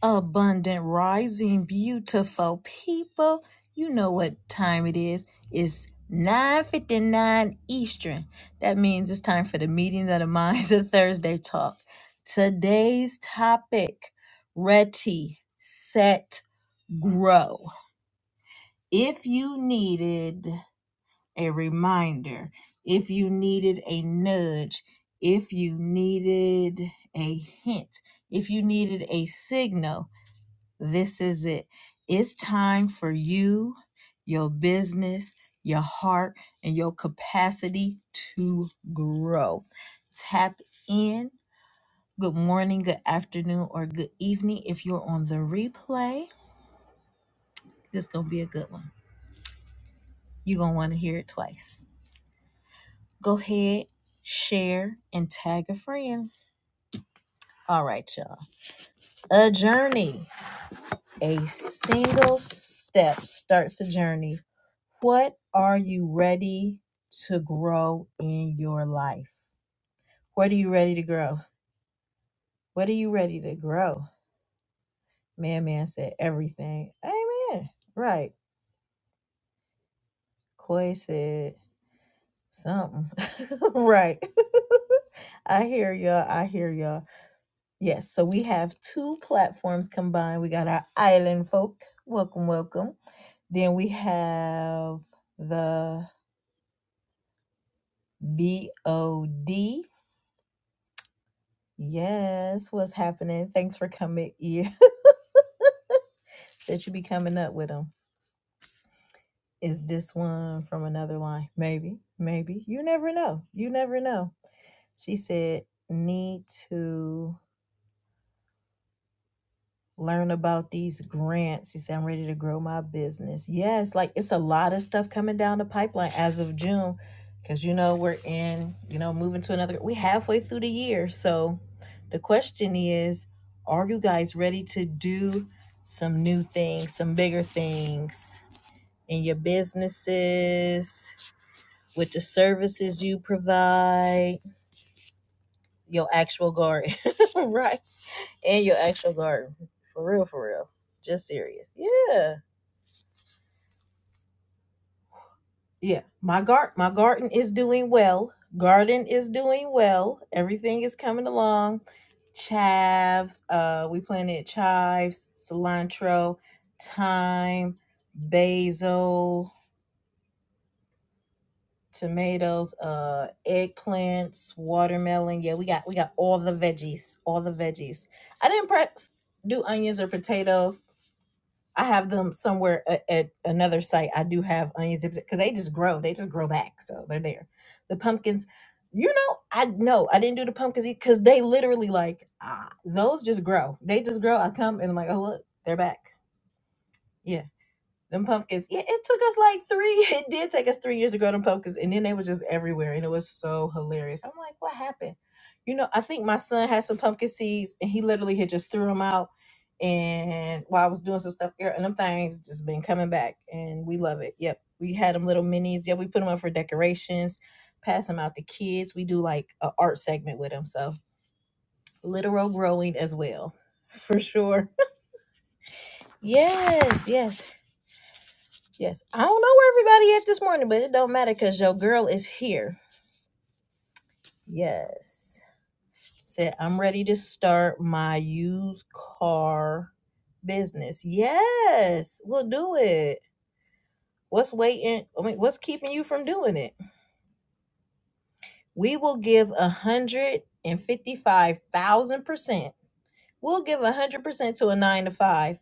Abundant rising, beautiful people. You know what time it is. It's 9.59 Eastern. That means it's time for the meeting of the minds of Thursday talk. Today's topic, ready, set, grow. If you needed a reminder, if you needed a nudge, if you needed a hint, if you needed a signal, this is it. It's time for you, your business, your heart, and your capacity to grow. Tap in. Good morning, good afternoon, or good evening. If you're on the replay, this is going to be a good one. You're going to want to hear it twice. Go ahead, share, and tag a friend. All right, y'all. A journey. A single step starts a journey What are you ready to grow in your life? What are you ready to grow? What are you ready to grow? Man, man said everything. Amen. Right. Koi said something. right. I hear y'all. I hear y'all. Yes. So we have two platforms combined. We got our island folk. Welcome, welcome. Then we have the BOD. Yes. What's happening? Thanks for coming. in. that you be coming up with them. Is this one from another line? Maybe, maybe. You never know. You never know. She said, need to learn about these grants. She said, I'm ready to grow my business. Yes, like it's a lot of stuff coming down the pipeline as of June. Cause you know, we're in, you know, moving to another we halfway through the year. So the question is, are you guys ready to do some new things, some bigger things? in your businesses, with the services you provide, your actual garden, right? And your actual garden. For real, for real. Just serious. Yeah. Yeah. My garden my garden is doing well. Garden is doing well. Everything is coming along. Chives, uh we planted chives, cilantro, thyme, basil, tomatoes, uh, eggplants, watermelon. Yeah, we got we got all the veggies, all the veggies. I didn't press do onions or potatoes. I have them somewhere at, at another site. I do have onions because they just grow. They just grow back, so they're there. The pumpkins, you know, I no, I didn't do the pumpkins because they literally like ah, those just grow. They just grow. I come and I'm like, oh look, they're back. yeah. Them pumpkins, yeah, it took us like three. It did take us three years to grow them pumpkins, and then they were just everywhere, and it was so hilarious. I'm like, what happened? You know, I think my son had some pumpkin seeds, and he literally had just threw them out. And while I was doing some stuff here, and them things just been coming back, and we love it. Yep, we had them little minis. Yeah, we put them up for decorations, pass them out to kids. We do like a art segment with them, so literal growing as well, for sure. Yes, yes. Yes. I don't know where everybody at this morning, but it don't matter because your girl is here. Yes. Said, I'm ready to start my used car business. Yes. We'll do it. What's waiting? I mean, what's keeping you from doing it? We will give a hundred and fifty-five thousand percent. We'll give a hundred percent to a nine to five.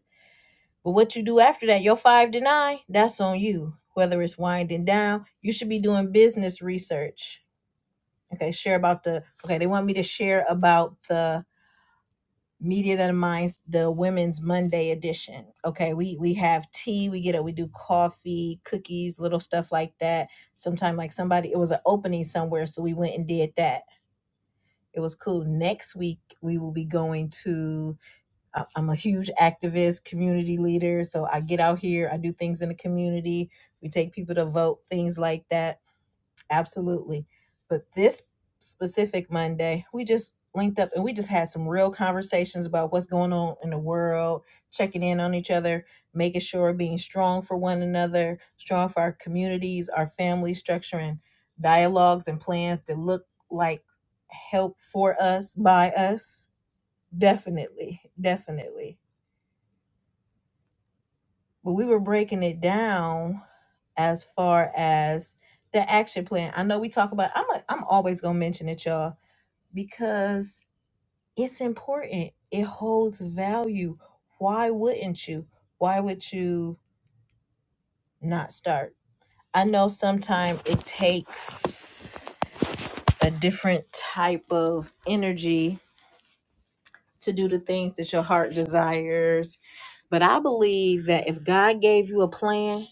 But what you do after that, your five to nine, that's on you. Whether it's winding down, you should be doing business research Okay, share about the okay, they want me to share about the media that minds the women's Monday edition. Okay, we we have tea, we get it, we do coffee, cookies, little stuff like that. Sometime like somebody it was an opening somewhere, so we went and did that. It was cool. Next week we will be going to I- I'm a huge activist, community leader, so I get out here, I do things in the community. We take people to vote, things like that Absolutely. But this specific Monday, we just linked up and we just had some real conversations about what's going on in the world, checking in on each other, making sure being strong for one another, strong for our communities, our family structure, and dialogues and plans that look like help for us by us. Definitely. Definitely but we were breaking it down as far as the action plan. I know we talk about I'm a, I'm always going to mention it y'all because it's important. It holds value. Why wouldn't you? Why would you not start? I know sometimes it takes a different type of energy to do the things that your heart desires, but I believe that if God gave you a plan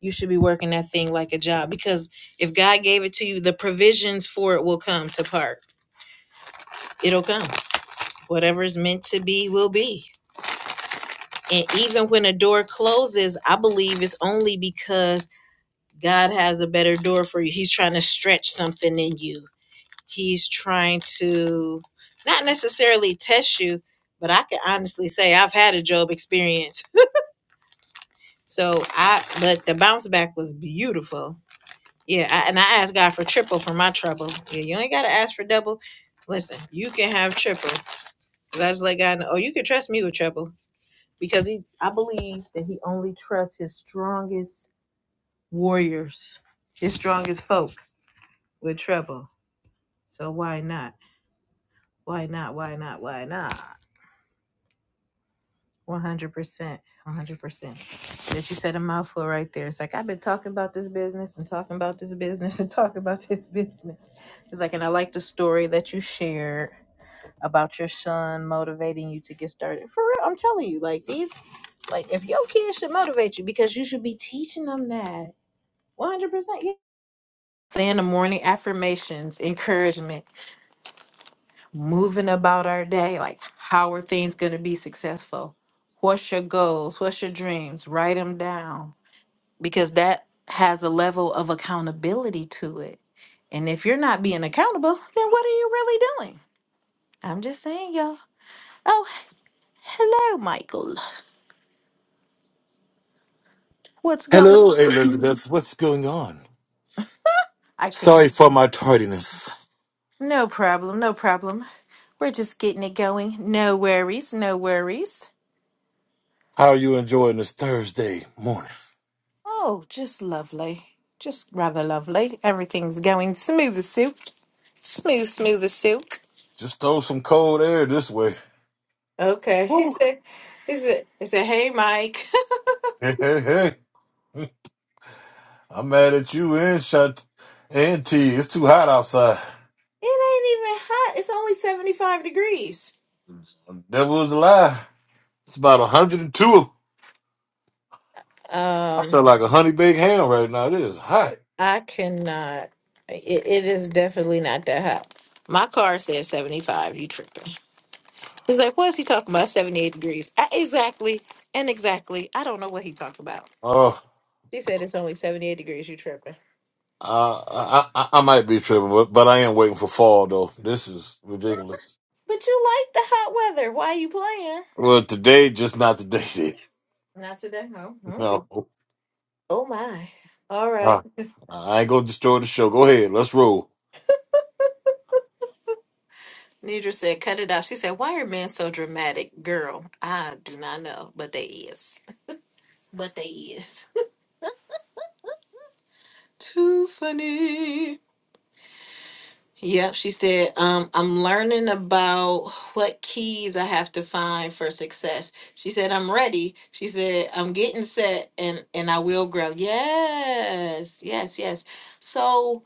You should be working that thing like a job because if God gave it to you, the provisions for it will come to part. It'll come. Whatever is meant to be will be. And even when a door closes, I believe it's only because God has a better door for you. He's trying to stretch something in you. He's trying to not necessarily test you, but I can honestly say I've had a job experience. So I but the bounce back was beautiful Yeah, I, and I ask God for triple for my trouble. Yeah, you ain't gotta ask for double. Listen, you can have triple. 'Cause I just let God know. Oh, you can trust me with trouble because he. I believe that he only trusts his strongest warriors, his strongest folk with trouble. So why not? Why not? Why not? Why not? One hundred percent. One hundred percent. That you said a mouthful right there. It's like I've been talking about this business and talking about this business and talking about this business. It's like, and I like the story that you shared about your son motivating you to get started. For real, I'm telling you, like these, like if your kids should motivate you because you should be teaching them that 100. percent Yeah. In the morning, affirmations, encouragement, moving about our day. Like, how are things going to be successful? What's your goals? What's your dreams? Write them down because that has a level of accountability to it. And if you're not being accountable, then what are you really doing? I'm just saying, y'all. Oh, hello, Michael. What's going Hello, on? Elizabeth. What's going on? I can. Sorry for my tardiness. No problem, no problem. We're just getting it going. No worries, no worries. How are you enjoying this Thursday morning? Oh, just lovely. Just rather lovely. Everything's going smooth as silk. Smooth, smooth as silk. Just throw some cold air this way. Okay. He Woo. said, he said, he said, hey, Mike. Hey, hey, hey. I'm mad at you and Shant and T. It's too hot outside. it ain't even hot. It's only 75 degrees. The Devil is a lie. It's about 102. I Um, feel like a honey baked ham right now. It is hot. I cannot. It, it is definitely not that hot. My car says 75. You tripping. It's like, what is he talking about? 78 degrees. I, exactly. And exactly. I don't know what he talked about. Oh, She said it's only 78 degrees. You tripping. I, I, I, I might be tripping, but, but I am waiting for fall though. This is ridiculous. But you like the hot weather. Why you playing? Well, today, just not today. Not today. No. Okay. No. Oh, my. All right. Ah, I ain't gonna destroy the show. Go ahead, let's roll. Nidra said, cut it out. She said, why are men so dramatic? Girl, I do not know. But they is. But they is. Too funny. Yep, she said, um, I'm learning about what keys I have to find for success. She said, I'm ready. She said, I'm getting set and and I will grow. Yes, yes, yes. So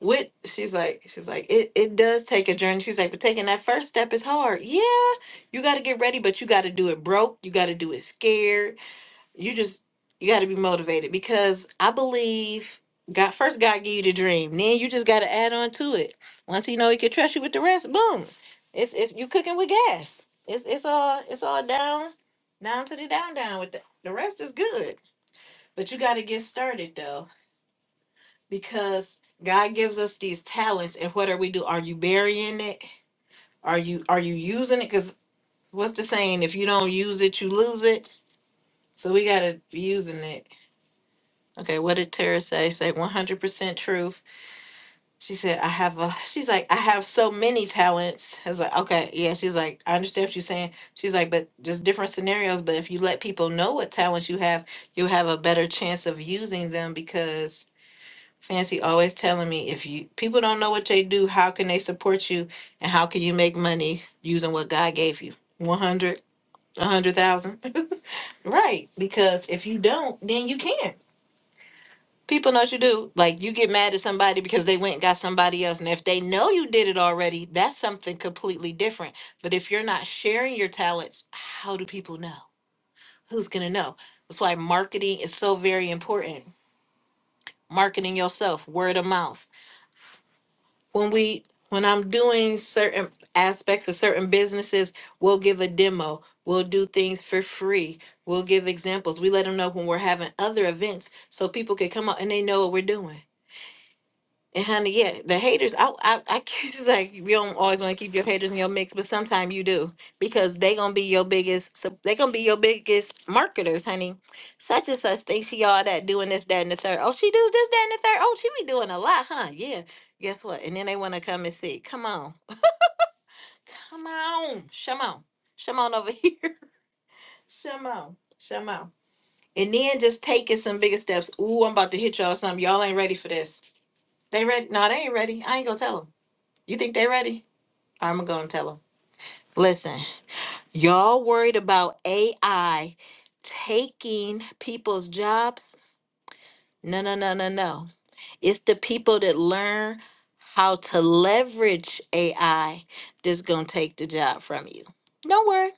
with she's like, she's like, it, it does take a journey. She's like, but taking that first step is hard. Yeah, you gotta get ready, but you gotta do it broke. You gotta do it scared. You just you got to be motivated because I believe God first God give you the dream, then you just got to add on to it. Once He know He can trust you with the rest, boom, it's it's you cooking with gas. It's it's all it's all down down to the down down with the the rest is good, but you got to get started though because God gives us these talents, and what are we do? Are you burying it? Are you are you using it? Because what's the saying? If you don't use it, you lose it. So we gotta be using it Okay, what did Tara say? Say 100% truth. She said, I have a, she's like, I have so many talents. I was like, okay, yeah. She's like, I understand what you're saying. She's like, but just different scenarios. But if you let people know what talents you have, you'll have a better chance of using them because Fancy always telling me if you people don't know what they do, how can they support you and how can you make money using what God gave you? 100, 100,000. right. Because if you don't, then you can't. People know what you do. Like you get mad at somebody because they went and got somebody else. And if they know you did it already, that's something completely different. But if you're not sharing your talents, how do people know? Who's going to know? That's why marketing is so very important. Marketing yourself, word of mouth. When we when I'm doing certain aspects of certain businesses, we'll give a demo. We'll do things for free. We'll give examples. We let them know when we're having other events so people can come out and they know what we're doing And honey, yeah, the haters. I, I, I it's like you don't always want to keep your haters in your mix, but sometimes you do because they gonna be your biggest. So they gonna be your biggest marketers, honey. Such and such thinks she all that doing this, that, and the third. Oh, she does this, that, and the third. Oh, she be doing a lot, huh? Yeah. Guess what? And then they want to come and see. Come on, come on, come on, come on over here, come on, come on. And then just taking some bigger steps. Ooh, I'm about to hit y'all something. Y'all ain't ready for this. They ready? No, they ain't ready. I ain't gonna tell them. You think they ready? I'm gonna go and tell them. Listen, y'all worried about AI taking people's jobs? No, no, no, no, no. It's the people that learn how to leverage AI that's gonna take the job from you. Don't worry.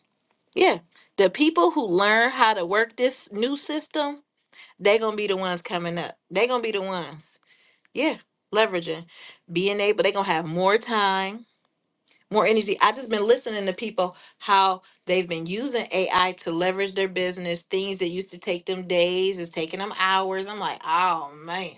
Yeah. The people who learn how to work this new system, they're gonna be the ones coming up. They're gonna be the ones. Yeah, leveraging. Being able, they're gonna have more time more energy. I just been listening to people how they've been using AI to leverage their business. Things that used to take them days is taking them hours. I'm like, oh man.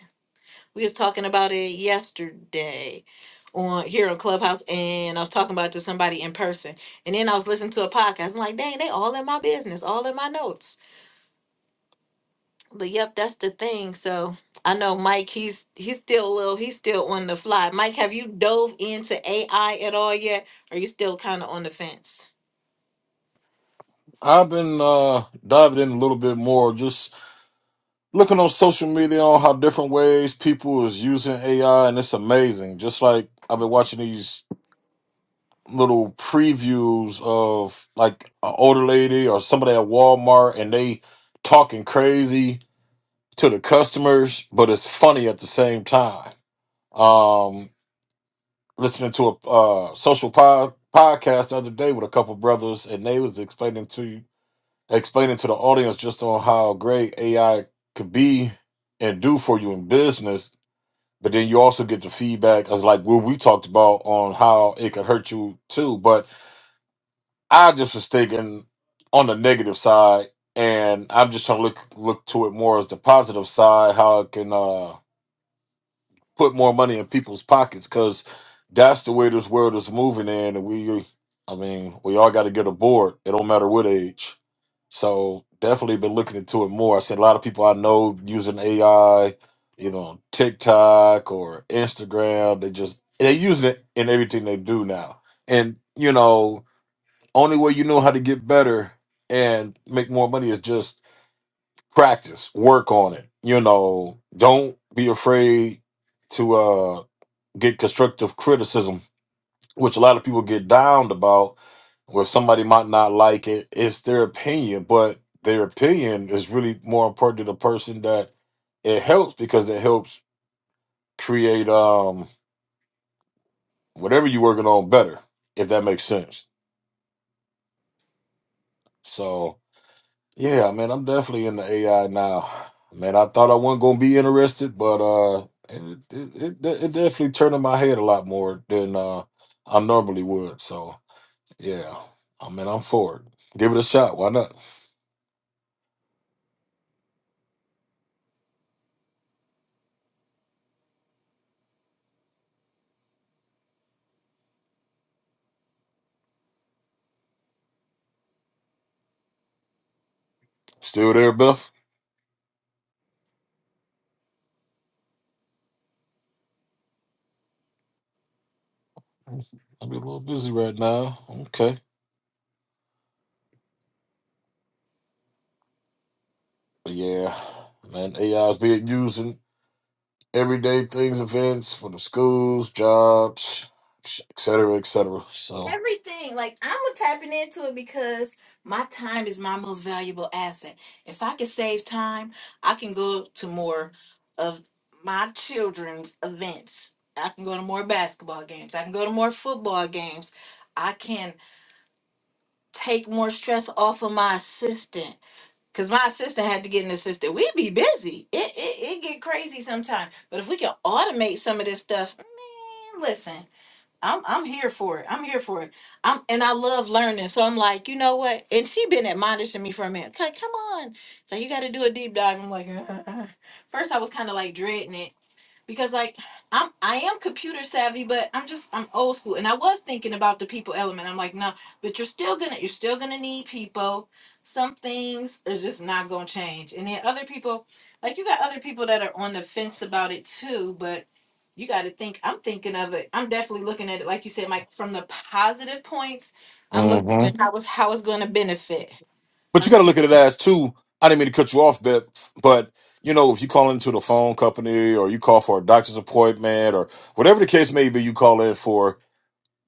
We was talking about it yesterday on here on Clubhouse and I was talking about it to somebody in person. And then I was listening to a podcast. I'm like, dang, they all in my business, all in my notes. But yep, that's the thing. So I know Mike, he's he's still a little, he's still on the fly. Mike, have you dove into AI at all yet? Are you still kind of on the fence? I've been uh diving in a little bit more, just looking on social media on how different ways people is using AI, and it's amazing. Just like I've been watching these little previews of like an older lady or somebody at Walmart, and they talking crazy to the customers, but it's funny at the same time. Um, listening to a uh, social pod, podcast the other day with a couple brothers, and they was explaining to explaining to the audience just on how great AI could be and do for you in business. But then you also get the feedback as like what we talked about on how it could hurt you too. But I just was thinking on the negative side, and I'm just trying to look look to it more as the positive side, how it can. uh put more money in people's pockets because that's the way this world is moving in and we i mean we all got to get aboard it don't matter what age so definitely been looking into it more i said a lot of people i know using ai either on tiktok or instagram they just they're using it in everything they do now and you know only way you know how to get better and make more money is just practice work on it you know don't be afraid to uh, get constructive criticism, which a lot of people get downed about, where somebody might not like it. It's their opinion, but their opinion is really more important to the person that it helps because it helps create um whatever you're working on better, if that makes sense. So yeah, man, I'm definitely in the AI now. Man, I thought I wasn't gonna be interested, but uh it, it, it, it definitely turned in my head a lot more than uh I normally would. So Yeah. I mean, I'm for it. Give it a shot. Why not? Still there, Beth? I'll be a little busy right now. Okay. But yeah, man, AI is being used in everyday things, events for the schools, jobs, et cetera, et cetera. So, everything. Like I'm tapping into it because my time is my most valuable asset. If I can save time, I can go to more of my children's events. I can go to more basketball games. I can go to more football games. I can take more stress off of my assistant. Cause my assistant had to get an assistant. We'd be busy. It it, it get crazy sometimes. But if we can automate some of this stuff, man, listen. I'm I'm here for it. I'm here for it. I'm and I love learning. So I'm like, you know what? And she been admonishing me for a minute. Okay, come on. So you got to do a deep dive. I'm like, first I was kind of like dreading it, because like I'm I am computer savvy, but I'm just I'm old school. And I was thinking about the people element. I'm like, no, but you're still gonna you're still gonna need people. Some things are just not gonna change. And then other people, like you got other people that are on the fence about it too, but you got to think. I'm thinking of it. I'm definitely looking at it, like you said, Mike, from the positive points. I'm looking hmm at how it's how it's going to benefit. but you got to look at it as too. I didn't mean to cut you off, Beb, but you know, if you call into the phone company or you call for a doctor's appointment or whatever the case may be, you call in for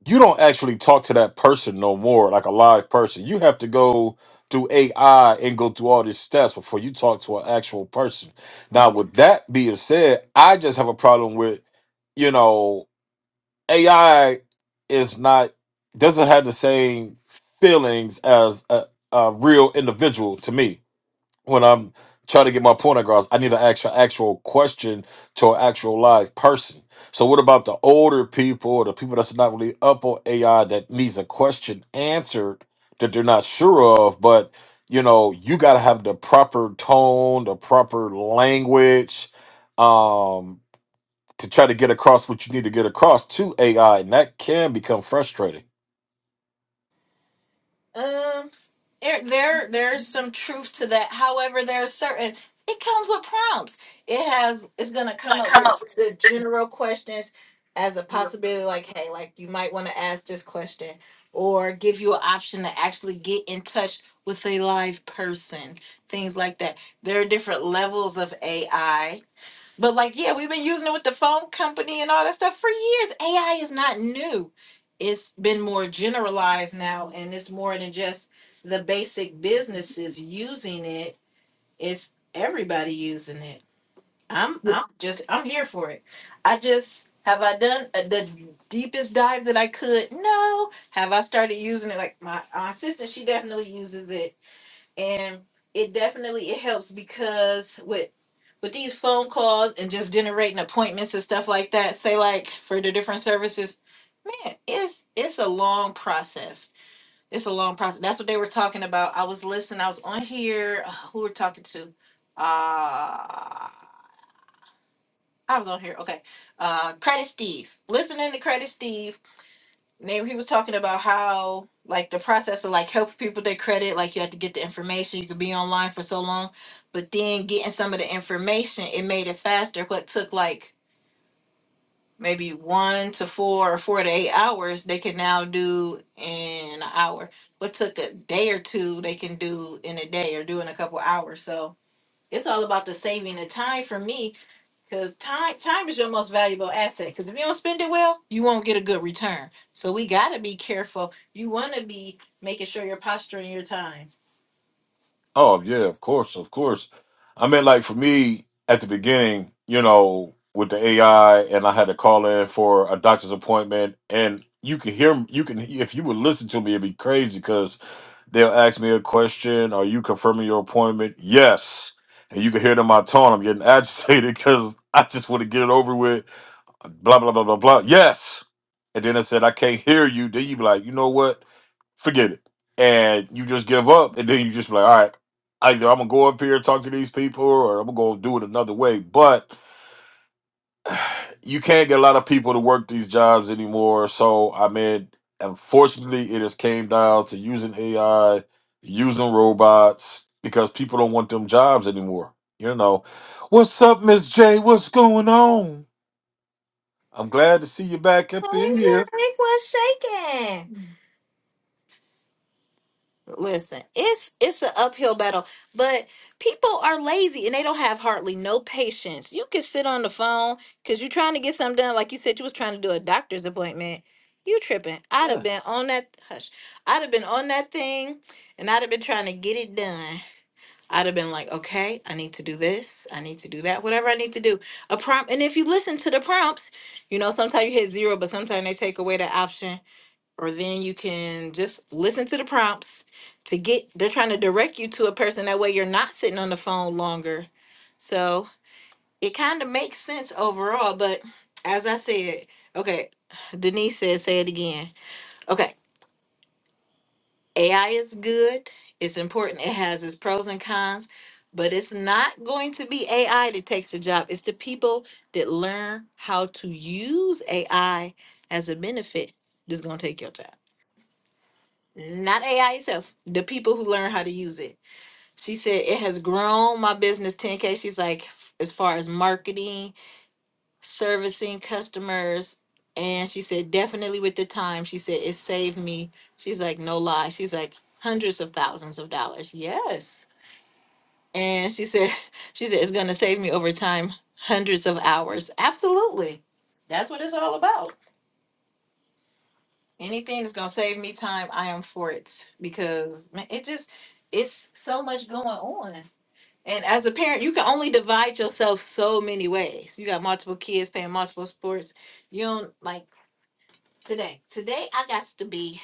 you don't actually talk to that person no more, like a live person. You have to go through AI and go through all these steps before you talk to an actual person. Now, with that being said, I just have a problem with, you know, AI is not doesn't have the same feelings as a, a real individual to me when I'm trying to get my point across, I need an actual actual question to an actual live person. So what about the older people or the people that's not really up on AI that needs a question answered that they're not sure of, but you know, you gotta have the proper tone, the proper language, um, to try to get across what you need to get across to AI, and that can become frustrating. Um, it, there there's some truth to that. However, there's certain it comes with prompts. It has it's gonna come up with the general questions as a possibility, like hey, like you might want to ask this question, or give you an option to actually get in touch with a live person, things like that. There are different levels of AI but like, yeah, we've been using it with the phone company and all that stuff for years. AI is not new. It's been more generalized now, and it's more than just the basic businesses using it. It's everybody using it. I'm I'm just I'm here for it. I just have I done uh, the deepest dive that I could? No. Have I started using it? Like my, my sister, she definitely uses it and it definitely it helps because with with these phone calls and just generating appointments and stuff like that say like for the different services man it's it's a long process it's a long process that's what they were talking about i was listening i was on here uh, who we're talking to uh i was on here okay uh credit steve listening to credit steve Name he was talking about how like the process of like helping people their credit, like you had to get the information, you could be online for so long, but then getting some of the information, it made it faster. What took like maybe one to four or four to eight hours, they can now do in an hour. What took a day or two, they can do in a day or do in a couple hours. So it's all about the saving the time for me because time time is your most valuable asset. Because if you don't spend it well, you won't get a good return. So we gotta be careful. You wanna be making sure you're posturing your time. Oh yeah, of course, of course. I mean, like for me at the beginning, you know, with the AI, and I had to call in for a doctor's appointment, and you can hear, you can if you would listen to me, it'd be crazy because they'll ask me a question: Are you confirming your appointment? Yes, and you can hear it in my tone. I'm getting agitated because I just want to get it over with blah blah blah blah blah. Yes. And then I said, I can't hear you. Then you be like, you know what? Forget it. And you just give up. And then you just be like, all right, either I'm gonna go up here and talk to these people or I'm gonna go do it another way. But you can't get a lot of people to work these jobs anymore. So I mean, unfortunately it has came down to using AI, using robots, because people don't want them jobs anymore. You know. What's up, Miss J? What's going on? I'm glad to see you back up in here. Oh, hey, Drake, what's shaking? Listen, it's it's an uphill battle, but people are lazy and they don't have hardly no patience. You can sit on the phone because you're trying to get something done. Like you said, you was trying to do a doctor's appointment. You tripping? I'd Yeah. have Yeah. been on that hush. I'd have been on that thing, and I'd have been trying to get it done. I'd have been like, okay, I need to do this, I need to do that, whatever I need to do. A prompt, and if you listen to the prompts, you know, sometimes you hit zero, but sometimes they take away the option, or then you can just listen to the prompts to get, they're trying to direct you to a person. That way you're not sitting on the phone longer. So it kind of makes sense overall, but as I said, okay, Denise said, say it again. Okay. AI is good. It's important. It has its pros and cons, but it's not going to be AI that takes the job. It's the people that learn how to use AI as a benefit that's going to take your job. Not AI itself. The people who learn how to use it. She said it has grown my business 10K. She's like, f- as far as marketing servicing customers and she said definitely with the time she said it saved me she's like no lie she's like hundreds of thousands of dollars yes and she said she said it's going to save me over time hundreds of hours absolutely that's what it's all about anything that's going to save me time i am for it because man, it just it's so much going on and as a parent you can only divide yourself so many ways you got multiple kids playing multiple sports you don't like today. Today I got to be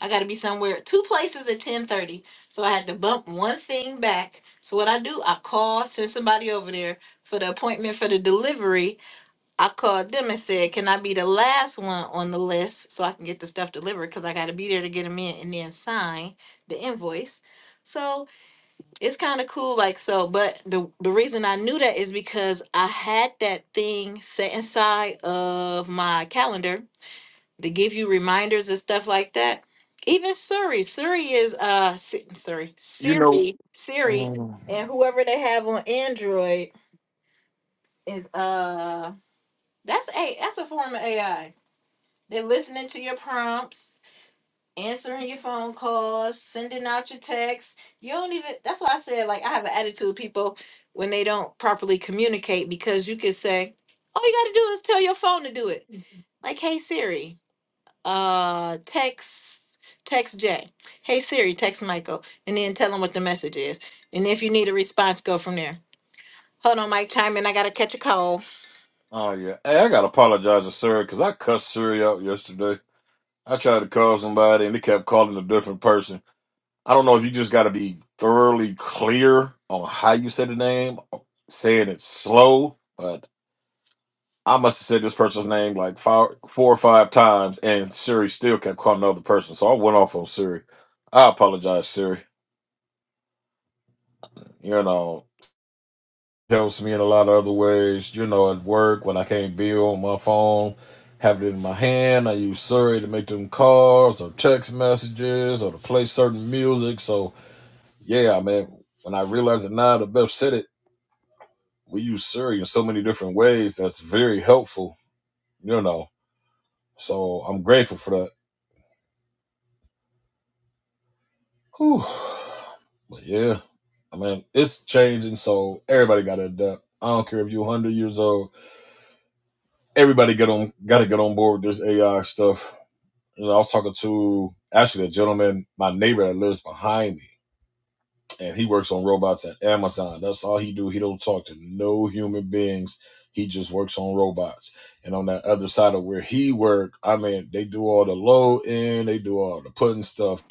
I got to be somewhere two places at 10:30. So I had to bump one thing back. So what I do, I call, send somebody over there for the appointment for the delivery. I called them and said, "Can I be the last one on the list so I can get the stuff delivered cuz I got to be there to get them in and then sign the invoice." So it's kind of cool like so, but the the reason I knew that is because I had that thing set inside of my calendar to give you reminders and stuff like that. Even Siri, Siri is uh Si- Siri, You know, Siri, Siri, and whoever they have on Android is uh that's a that's a form of AI. They're listening to your prompts, answering your phone calls, sending out your texts. You don't even that's why I said like I have an attitude with people when they don't properly communicate because you could say, all you gotta do is tell your phone to do it. Like, hey Siri. uh text text Jay. Hey Siri, text Michael, and then tell him what the message is. And if you need a response, go from there. Hold on, Mike, time in. I gotta catch a call. Oh yeah. Hey, I gotta apologize to Siri because I cussed Siri out yesterday. I tried to call somebody and they kept calling a different person. I don't know if you just gotta be thoroughly clear on how you say the name, saying it slow, but I must have said this person's name like five, four or five times, and Siri still kept calling the other person. So I went off on Siri. I apologize, Siri. You know. helps me in a lot of other ways. You know, at work when I can't be on my phone, have it in my hand. I use Siri to make them calls or text messages or to play certain music. So yeah, I mean, when I realize it now, the Beth said it. We use Siri in so many different ways. That's very helpful. You know, so I'm grateful for that. Whew. But yeah, I mean, it's changing. So everybody got to adapt. I don't care if you're 100 years old. Everybody get on, got to get on board with this AI stuff You know, I was talking to actually a gentleman, my neighbor that lives behind me, and he works on robots at Amazon. That's all he do. He don't talk to no human beings. He just works on robots. And on that other side of where he work, I mean, they do all the low end, they do all the putting stuff.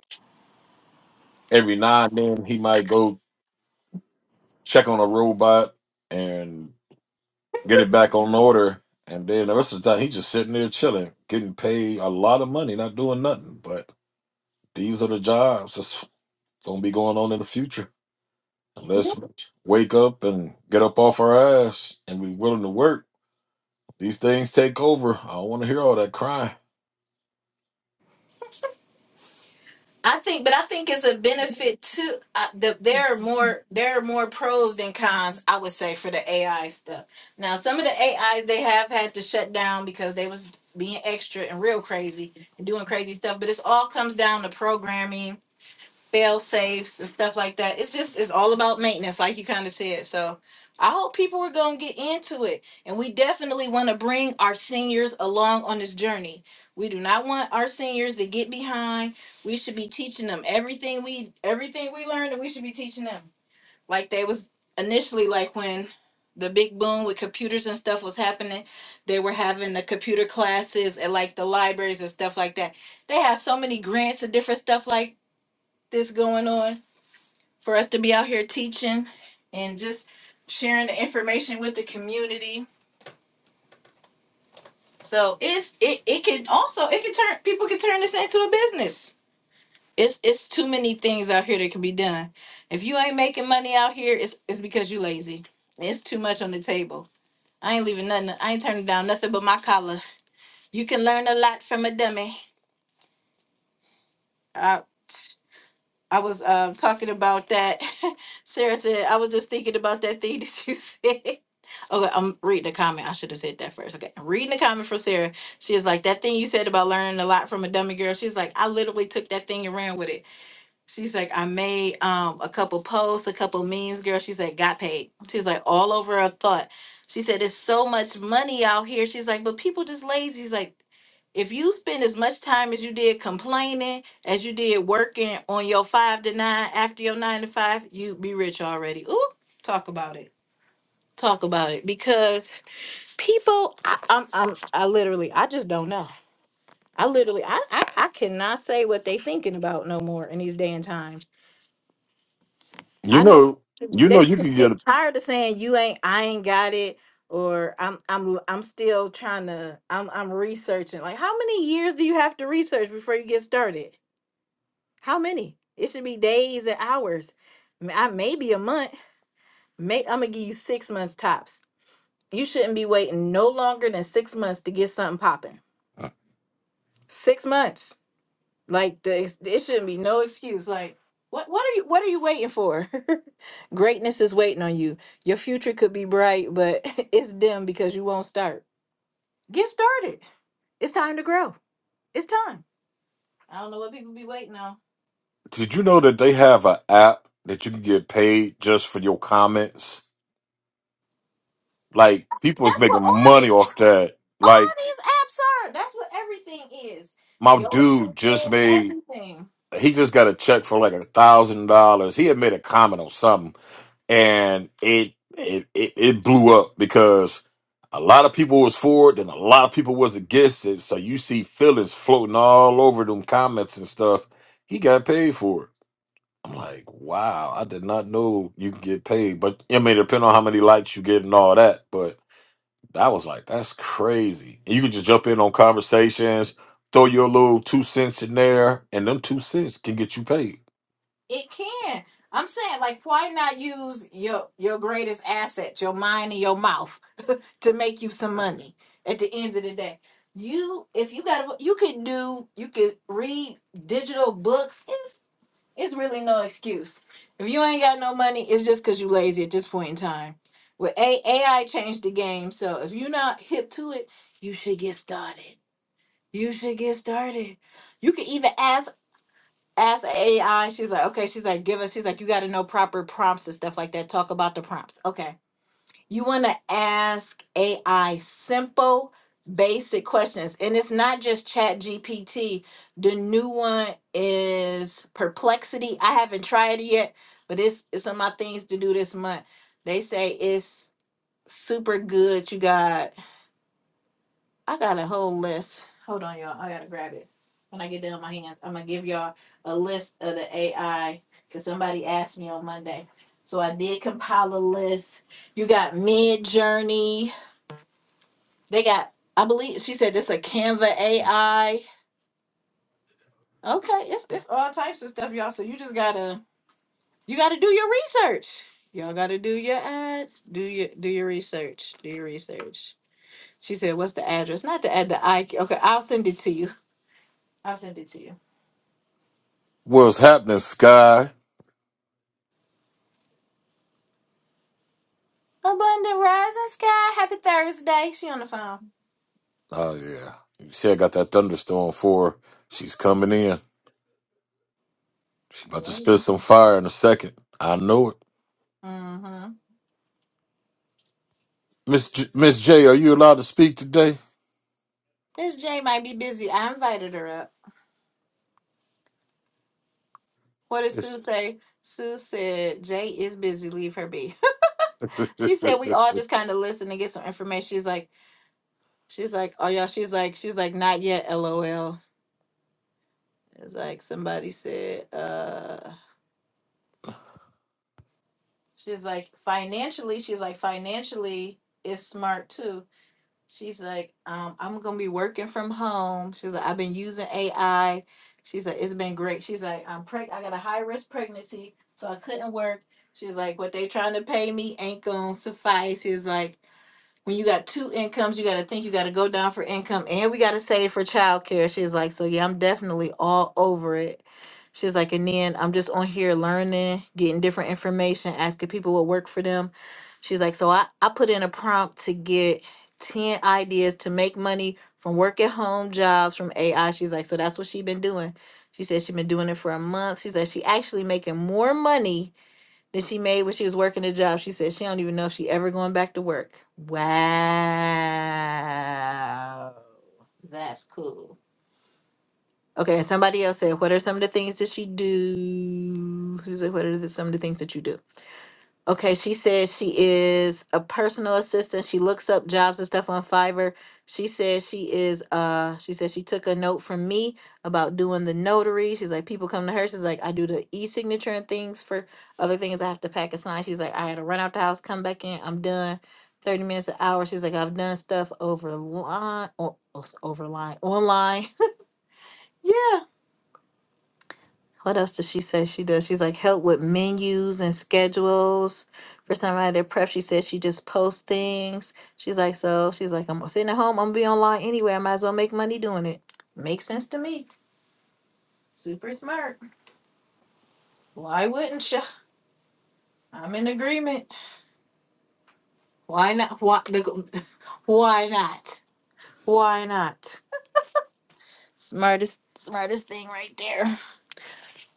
Every now and then, he might go check on a robot and get it back on order. And then the rest of the time, he just sitting there chilling, getting paid a lot of money, not doing nothing. But these are the jobs. That's It's gonna be going on in the future. Yeah. Let's wake up and get up off our ass and be willing to work. These things take over. I don't want to hear all that crying. I think, but I think it's a benefit to uh, the, there are more there are more pros than cons. I would say for the AI stuff. Now, some of the AIs they have had to shut down because they was being extra and real crazy and doing crazy stuff. But it's all comes down to programming fail safes and stuff like that. It's just it's all about maintenance, like you kind of said. So I hope people are gonna get into it, and we definitely want to bring our seniors along on this journey. We do not want our seniors to get behind. We should be teaching them everything we everything we learned, and we should be teaching them like they was initially like when the big boom with computers and stuff was happening they were having the computer classes at like the libraries and stuff like that they have so many grants and different stuff like this going on for us to be out here teaching and just sharing the information with the community. So it's it it can also it can turn people can turn this into a business. It's it's too many things out here that can be done. If you ain't making money out here, it's it's because you lazy. It's too much on the table. I ain't leaving nothing. I ain't turning down nothing but my collar. You can learn a lot from a dummy. I I was um talking about that. Sarah said I was just thinking about that thing that you said. Okay, I'm reading the comment. I should have said that first. Okay, I'm reading the comment from Sarah. She is like, That thing you said about learning a lot from a dummy girl. She's like, I literally took that thing and ran with it. She's like, I made um a couple posts, a couple memes, girl. She's like, Got paid. She's like, All over a thought. She said, There's so much money out here. She's like, But people just lazy. She's like, if you spend as much time as you did complaining as you did working on your five to nine after your nine to five, you'd be rich already. Ooh, talk about it. Talk about it. Because people I, I'm, I'm i literally i just don't know i literally I, I i cannot say what they thinking about no more in these day and times You i know know, you they know, you should can get. get tired of saying you ain't i ain't got it or i'm i'm i'm still trying to i'm i'm researching like how many years do you have to research before you get started how many it should be days and hours M- i maybe a month may i'm gonna give you six months tops you shouldn't be waiting no longer than six months to get something popping six months Like the ex- it shouldn't be no excuse. Like what what are you what are you waiting for? Greatness is waiting on you. Your future could be bright, but it's dim because you won't start. Get started. It's time to grow. It's time. I don't know what people be waiting on. Did you know that they have an app that you can get paid just for your comments? Like people is That's what all making money these off that. all Like these apps are. That's what everything is. my Your dude just is made. everything. He just got a check for like a thousand dollars. He had made a comment on something and it it it, it blew up because a lot of people was for it and a lot of people was against it. So you see feelings floating all over them comments and stuff. He got paid for it. I'm like, wow, I did not know you could get paid. But it may depend on how many likes you get and all that. But I was like, that's crazy. And you can just jump in on conversations, throw your little two cents in there, and them two cents can get you paid. It can. I'm saying like why not use your your greatest asset, your mind and your mouth? to make you some money at the end of the day. You if you got you could do you could read digital books. It's it's really no excuse. If you ain't got no money, it's just cause you lazy at this point in time. With A AI changed the game. So if you're not hip to it, you should get started. You should get started. You can even ask ask AI. She's like, okay, she's like, give us, she's like, you gotta know proper prompts and stuff like that. Talk about the prompts. Okay you want to ask AI simple, basic questions. And it's not just Chat GPT. The new one is Perplexity. I haven't tried it yet, but it's it's on my things to do this month. They say it's super good. You got I got a whole list. Hold on, y'all. I gotta grab it. When I get down my hands, I'm gonna give y'all a list of the AI because somebody asked me on Monday. So I did compile a list. You got Mid Journey. They got, I believe she said it's a Canva AI. Okay, it's it's all types of stuff, y'all. So you just gotta you gotta do your research. Y'all gotta do your ad, do your do your research, do your research. She said, "What's the address?" Not the ad, the I. Okay, I'll send it to you. I'll send it to you. What's happening, Sky? Abundant rising sky. Happy Thursday. She on the phone. Oh yeah. You see, I got that thunderstorm for her. She's coming in. She's about to spit some fire in a second. I know it. Mm-hmm. Miss J- Miss J, are you allowed to speak today? Miss J might be busy. I invited her up. What did Sue It's say? Sue said Jay is busy. Leave her be. She said we all just kind of listen and get some information. She's like, she's like, oh yeah, she's like, she's like, not yet, lol. It's like somebody said, uh, she's like, financially, she's like, financially is smart too. She's like, um, I'm gonna be working from home. She's like, I've been using AI. She's like, it's been great. She's like, I'm preg, I got a high risk pregnancy, so I couldn't work. She's like, what they trying to pay me ain't gonna suffice. She's like, when you got two incomes, you got to think you got to go down for income and we got to save for childcare. She's like, so yeah, I'm definitely all over it. She's like, and then I'm just on here learning, getting different information, asking people what worked for them. She's like, so I, I put in a prompt to get 10 ideas to make money from work at home jobs from AI. She's like, so that's what she been doing. She said she been doing it for a month. She said she actually making more money that she made when she was working a job. She said she don't even know if she ever going back to work. Wow. That's cool. Okay, and somebody else said, what are some of the things that she do? She said, what are the, some of the things that you do? Okay, she says she is a personal assistant. She looks up jobs and stuff on Fiverr. She says she is uh she says she took a note from me about doing the notary. She's like, people come to her. She's like, I do the e-signature and things for other things. I have to pack a sign. She's like, I had to run out the house, come back in, I'm done. 30 minutes an hour. She's like, I've done stuff over line or over line online. yeah. What else does she say she does? She's like help with menus and schedules. For somebody that prep, she said she just posts things. She's like, so she's like, I'm sitting at home. I'm gonna be online anyway. I might as well make money doing it. Makes sense to me. Super smart. Why wouldn't you? I'm in agreement. Why not? Why? the- Why not? Why not? Smartest, smartest thing right there.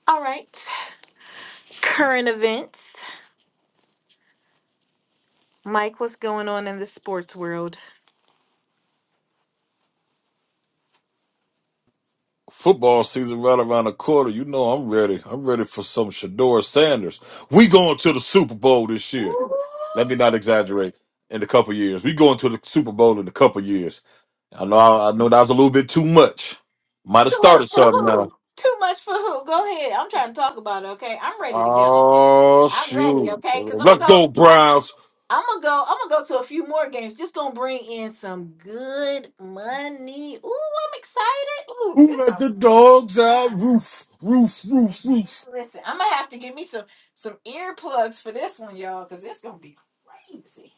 All right. Current events. Mike, what's going on in the sports world? football season right around the corner. You know I'm ready. I'm ready for some Shador Sanders. We going to the Super Bowl this year. Ooh. Let me not exaggerate. In a couple years, we going to the Super Bowl in a couple years. I know. I know that was a little bit too much. Might have Too started much for something. who? Too much for who? Go ahead. I'm trying to talk about it. Okay, I'm ready to go. Oh I'm ready. shoot! Okay, because I'm gonna Let's go. go I'm, Browns. I'm gonna go. I'm gonna go to a few more games. Just gonna bring in some good money. Ooh, I'm excited. Ooh, Who it's let about the to go. dogs out? down, Roof, roof, Man, roof, roof. listen, I'm gonna have to give me some some earplugs for this one, y'all, because it's gonna be crazy.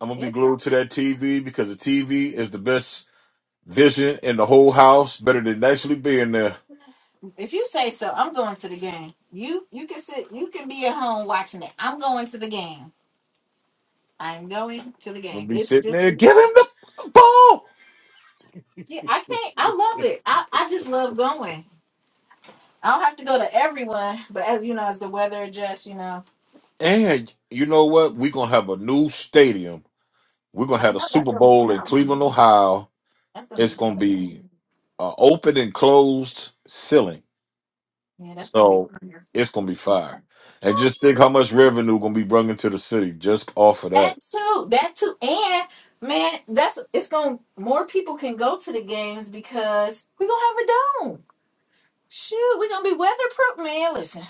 I'm gonna be It's gonna glued to be, that TV because the TV is the best vision in the whole house. Better than actually being there. if you say so. I'm going to the game. You you can sit. You can be at home watching it. I'm going to the game. I'm going to the I'm gonna game. be It's sitting there. just Give him the ball. yeah, I can't. I love it. I I just love going. I don't have to go to everyone, but as you know, as the weather adjusts, you know, And you know what? We're gonna have a new stadium. We're gonna I have a know that's Super gonna be Bowl in tough. Cleveland, Ohio. That's gonna It's be gonna tough. be uh, open and closed ceiling. yeah, that's gonna be So prayer. it's gonna be fire. And just think how much revenue gonna be brought into the city just off of That that. too, that too, and man, that's it's gonna more people can go to the games because we're gonna have a dome. Shoot, we're gonna be weatherproof, man. Listen.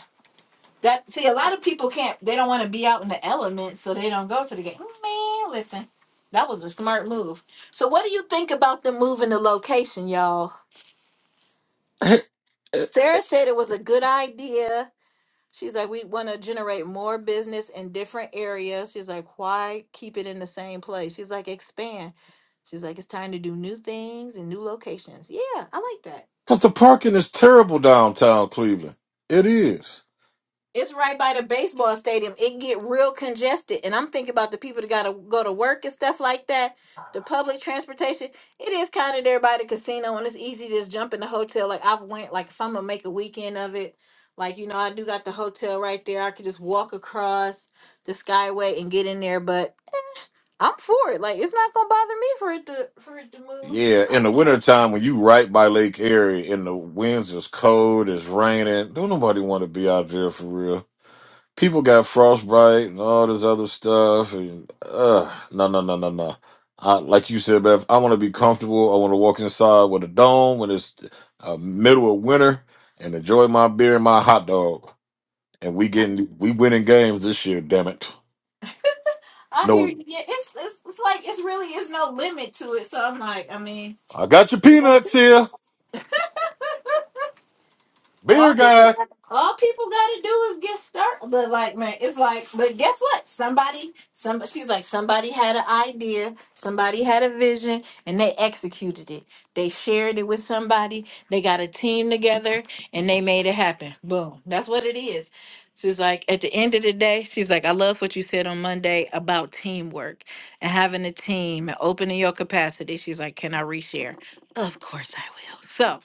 That see, a lot of people can't. They don't want to be out in the elements, so they don't go to the game. "Mm, Man, listen, that was a smart move. So, what do you think about them moving the location, y'all? Sarah said it was a good idea. She's like, we want to generate more business in different areas. She's like, why keep it in the same place? She's like, expand. She's like, it's time to do new things and new locations. Yeah, I like that. Cause the parking is terrible downtown Cleveland. It is. It's right by the baseball stadium. It get real congested, and I'm thinking about the people that gotta go to work and stuff like that. The public transportation, it is kind of there by the casino, and it's easy to just jump in the hotel. Like I've went, like if I'm gonna make a weekend of it, like you know I do got the hotel right there. I could just walk across the Skyway and get in there. But I'm for it. Like it's not gonna bother me for it to for it to move. Yeah, in the wintertime when you right by Lake Erie and the winds is cold, it's raining. Don't nobody want to be out there for real. people got frostbite and all this other stuff. And uh, no, no, no, no, no. I, like you said, Beth, I want to be comfortable. I want to walk inside with a dome when it's uh, middle of winter and enjoy my beer and my hot dog. And we I getting we winning games this year. Damn it! I hear No, you. Yeah, it's it's, it's like it's really is no limit to it. So I'm like, I mean. I got your peanuts here, beer All people, guy. got, all people gotta do is get started. But like, man, it's like, but guess what? Somebody, some, she's like, somebody had an idea, somebody had a vision, and they executed it. They shared it with somebody. They got a team together, and they made it happen. Boom. That's what it is. She's like, at the end of the day, she's like, I love what you said on Monday about teamwork and having a team and opening your capacity. She's like, can I reshare? Of course I will. So.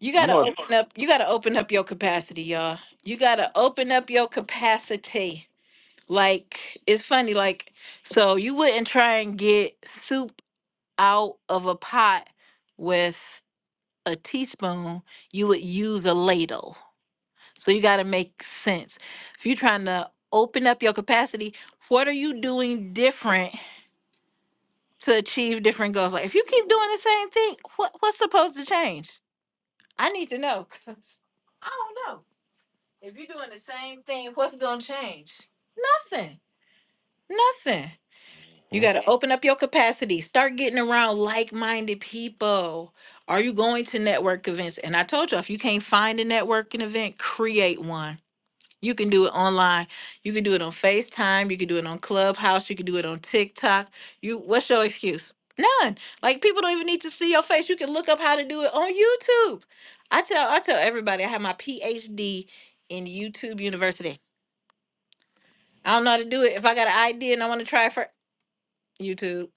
You You gotta know. open up. You gotta open up your capacity, y'all. You gotta open up your capacity. Like it's funny. Like so, you wouldn't try and get soup out of a pot with a teaspoon. You would use a ladle. So you gotta make sense. If you're trying to open up your capacity, what are you doing different to achieve different goals? Like if you keep doing the same thing, what what's supposed to change? I need to know because I don't know. If you're doing the same thing, what's gonna change? Nothing. Nothing. You What? gotta open up your capacity. Start getting around like-minded people. Are you going to network events? And I told you, if you can't find a networking event, create one. You can do it online. You can do it on FaceTime. You can do it on Clubhouse. You can do it on TikTok. You what's your excuse? None. Like people don't even need to see your face. You can look up how to do it on YouTube. I tell I tell everybody I have my PhD in YouTube University. I don't know how to do it. If I got an idea and I want to try it for YouTube,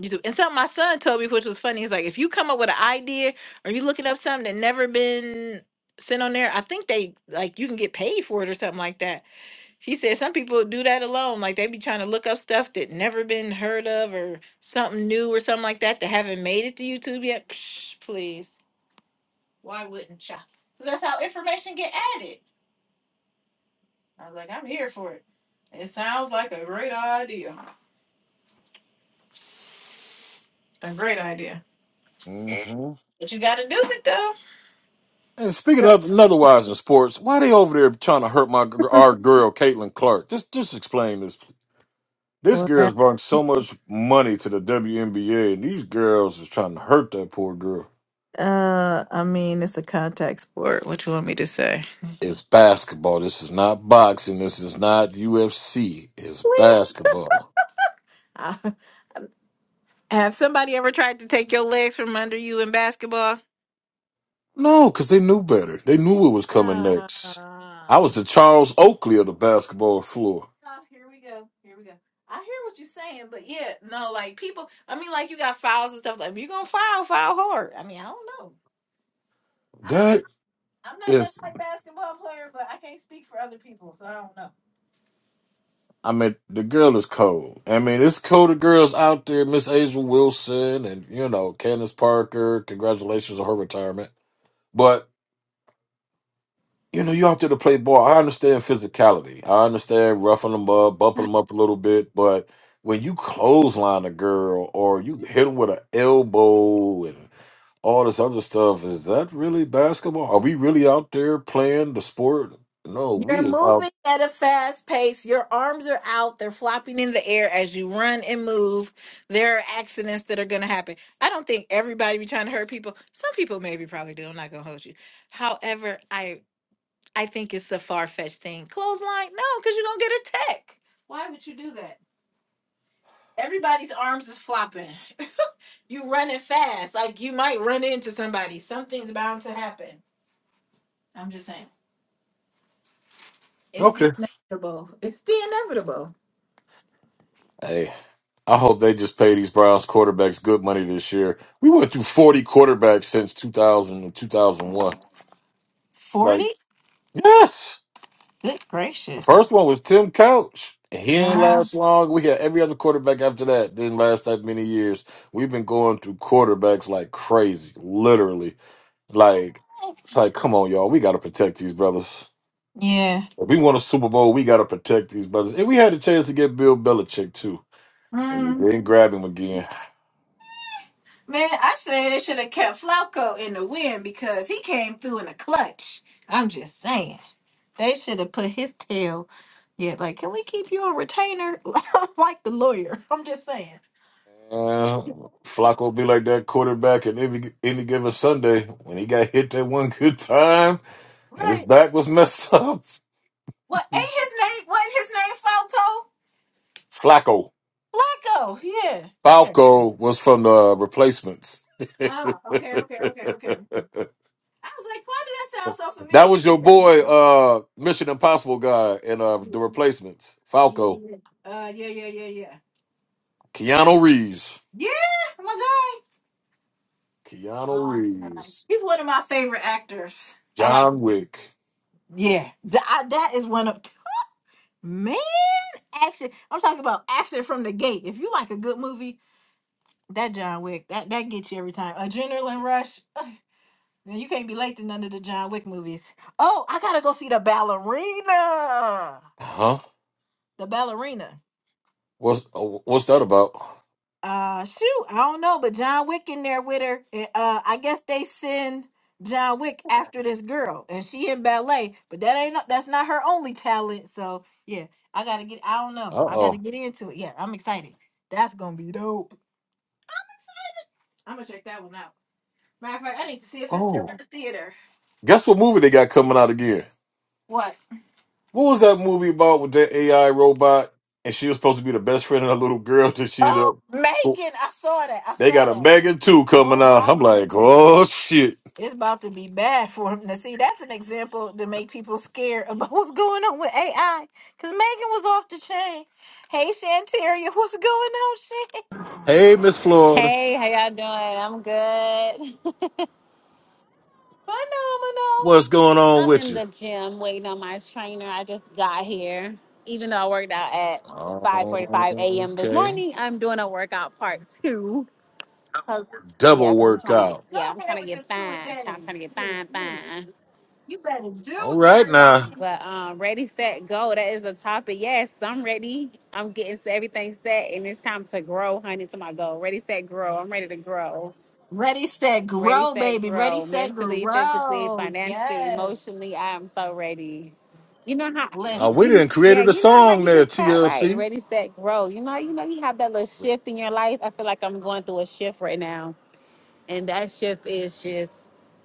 YouTube. And something my son told me, which was funny, he's like, if you come up with an idea or you looking up something that never been sent on there, I think they like you can get paid for it or something like that. He said some people do that alone, like they be trying to look up stuff that never been heard of or something new or something like that that haven't made it to YouTube yet. Psh, please, why wouldn't ya? Because that's how information get added. I was like, I'm here for it. It sounds like a great idea. A great idea. Mm-hmm. But you got to do it though. And speaking of and otherwise in sports, why they over there trying to hurt my our girl Caitlin Clark? Just just explain this, This Well, girl's brought so much money to the WNBA, and these girls is trying to hurt that poor girl. uh, I mean, it's a contact sport. What you want me to say? It's basketball. This is not boxing. This is not UFC. It's Wait. basketball. Uh, have somebody ever tried to take your legs from under you in basketball? No, because they knew better. They knew it was coming Uh, next. oh, I was the Charles Oakley of the basketball floor. here we go. Here we go. I hear what you're saying, but yeah, no, like people. I mean, like you got fouls and stuff. Like if you're gonna foul, foul hard. I mean, I don't know. I don't, That I'm not that is, type basketball player, but I can't speak for other people, so I don't know. I mean, the girl is cold. I mean, it's colder girls out there. Miss Asia Wilson and, you know, Candace Parker. Congratulations on her retirement. But you know, you out there to play ball. I understand physicality. I understand roughing them up, bumping them up a little bit, but when you clothesline a girl or you hit them with an elbow and all this other stuff, is that really basketball? Are we really out there playing the sport? No, You're we is out. moving at a fast pace. Your arms are out. They're flopping in the air as you run and move. There are accidents that are going to happen. I don't think everybody be trying to hurt people. Some people maybe probably do. I'm not going to hold you. However, I I think it's a far fetched thing. Clothesline? No, because you're going to get a tech. Why would you do that? Everybody's arms is flopping. you running fast. Like you might run into somebody. Something's bound to happen. I'm just saying. It's the Okay. inevitable. It's the inevitable. Hey, I hope they just pay these Browns quarterbacks good money this year. We went through 40 quarterbacks since 2000 and 2001. 40? Like, yes. Good gracious. First one was Tim Couch. and He ain't Wow. last long. We had every other quarterback after that didn't last that many years. We've been going through quarterbacks like crazy, literally. Like it's like, come on, y'all, we got to protect these brothers. Yeah. If we won a Super Bowl, we got to protect these brothers. And we had a chance to get Bill Belichick too, and we Mm. didn't grab him again. Man, I say they should have kept Flacco in the win because he came through in the clutch. I'm just saying. They should have put his tail. Yeah, like, can we keep you on retainer? like the lawyer. I'm just saying. Yeah, Flacco be like that quarterback in every any given Sunday when he got hit that one good time and his Right. back was messed up. What ain't his name? Wasn't his Flacco name Falco? Flacco. Yeah. Yeah. Falco was from the replacements. Oh, okay, that okay, okay, okay. I was like, why did that sound so familiar? was your Okay. boy, uh, Mission Impossible guy in uh, Yeah, the replacements. yeah, Falco, yeah. Uh, yeah, yeah, yeah, yeah. Keanu Reeves, Yeah, my guy. Keanu Reeves, He's one of my favorite actors. I like, John Wick. yeah, Th- I- that is one of man action. I'm talking about action from the gate. If you like a good movie, that John Wick, that that gets you every time. Adrenaline rush. Ugh, Man, You can't be late to none of the John Wick movies. Oh, I gotta go see the ballerina. Huh? The ballerina. What's oh, what's that about? uh shoot i don't know but john wick in there with her and, uh i guess they send john wick after this girl and she in ballet but that ain't that's not her only talent so yeah i gotta get i don't know i Uh gotta get into it yeah i'm excited that's gonna be dope i'm gonna check that one out matter of fact i need to see if it's still oh. in the theater Guess what movie they got coming out again? what What was that movie about with that AI robot? And she was supposed to be the best friend of the little girl that she ended oh megan up. i saw that i They saw got a that Megan 2 coming oh out. my I'm like, goodness oh shit. It's about to be bad for him. Now, see, that's an example to make people scared about what's going on with AI. Because Megan was off the chain. Hey, Shantaria, what's going on, Shan? Hey, Miss Florida, Hey, how y'all doing? I'm good. Phenomenal. what's going on I'm with in you? the gym waiting on my trainer. I just got here. Even though I worked out at Oh, yeah. 5:45 a.m. this Okay. morning, I'm doing a workout part two. Cause Woo! yeah, Double cause I'm trying to get workout. Go yeah, I'm trying ahead to with get the two a fine. Try- I'm trying days. to get Get it, fine, get it. fine. You better All do, right girl. now. But um, ready, set, go. That is a topic. Yes, I'm ready. I'm getting everything set, and it's time to grow, honey. It's my goal. Ready, set, grow. I'm ready to grow. Ready, set, Ready, grow, set, baby. Ready, grow. set, Mentally, physically, grow. financially, Yes. emotionally, I am so ready. You know how you, Uh, Listen. we you didn't yeah, created a you know how song you there, just had right. TLC. Ready, set, grow. You know, you know, you have that little shift in your life. I feel like I'm going through a shift right now. And that shift is just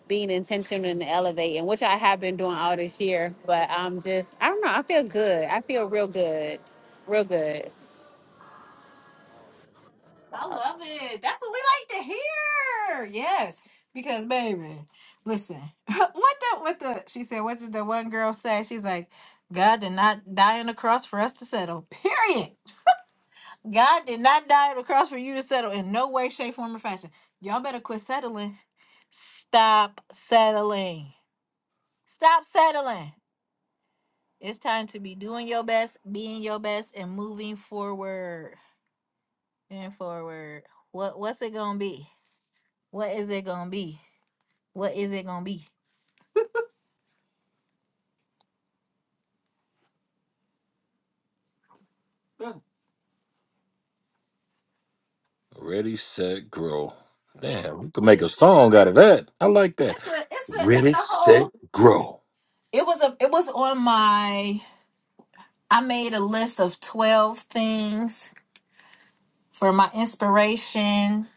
being intentional and elevating, which I have been doing all this year. But I'm just I don't know, I feel good. I feel real good. Real good. I love it. That's what we like to hear. Yes, because baby, listen, what the what the she said. What did the one girl say? She's like, God did not die on the cross for us to settle. Period. God did not die on the cross for you to settle in no way, shape, form, or fashion. Y'all better quit settling. Stop settling. Stop settling. It's time to be doing your best, being your best, and moving forward and forward. What what's it gonna be? What is it gonna be? What is it gonna be? Yeah, Ready, set, grow. Damn, we could make a song out of that. I like that. it's a it's a it's Ready, a set, whole. grow. It was a it was on my. I made a list of twelve things for my inspiration,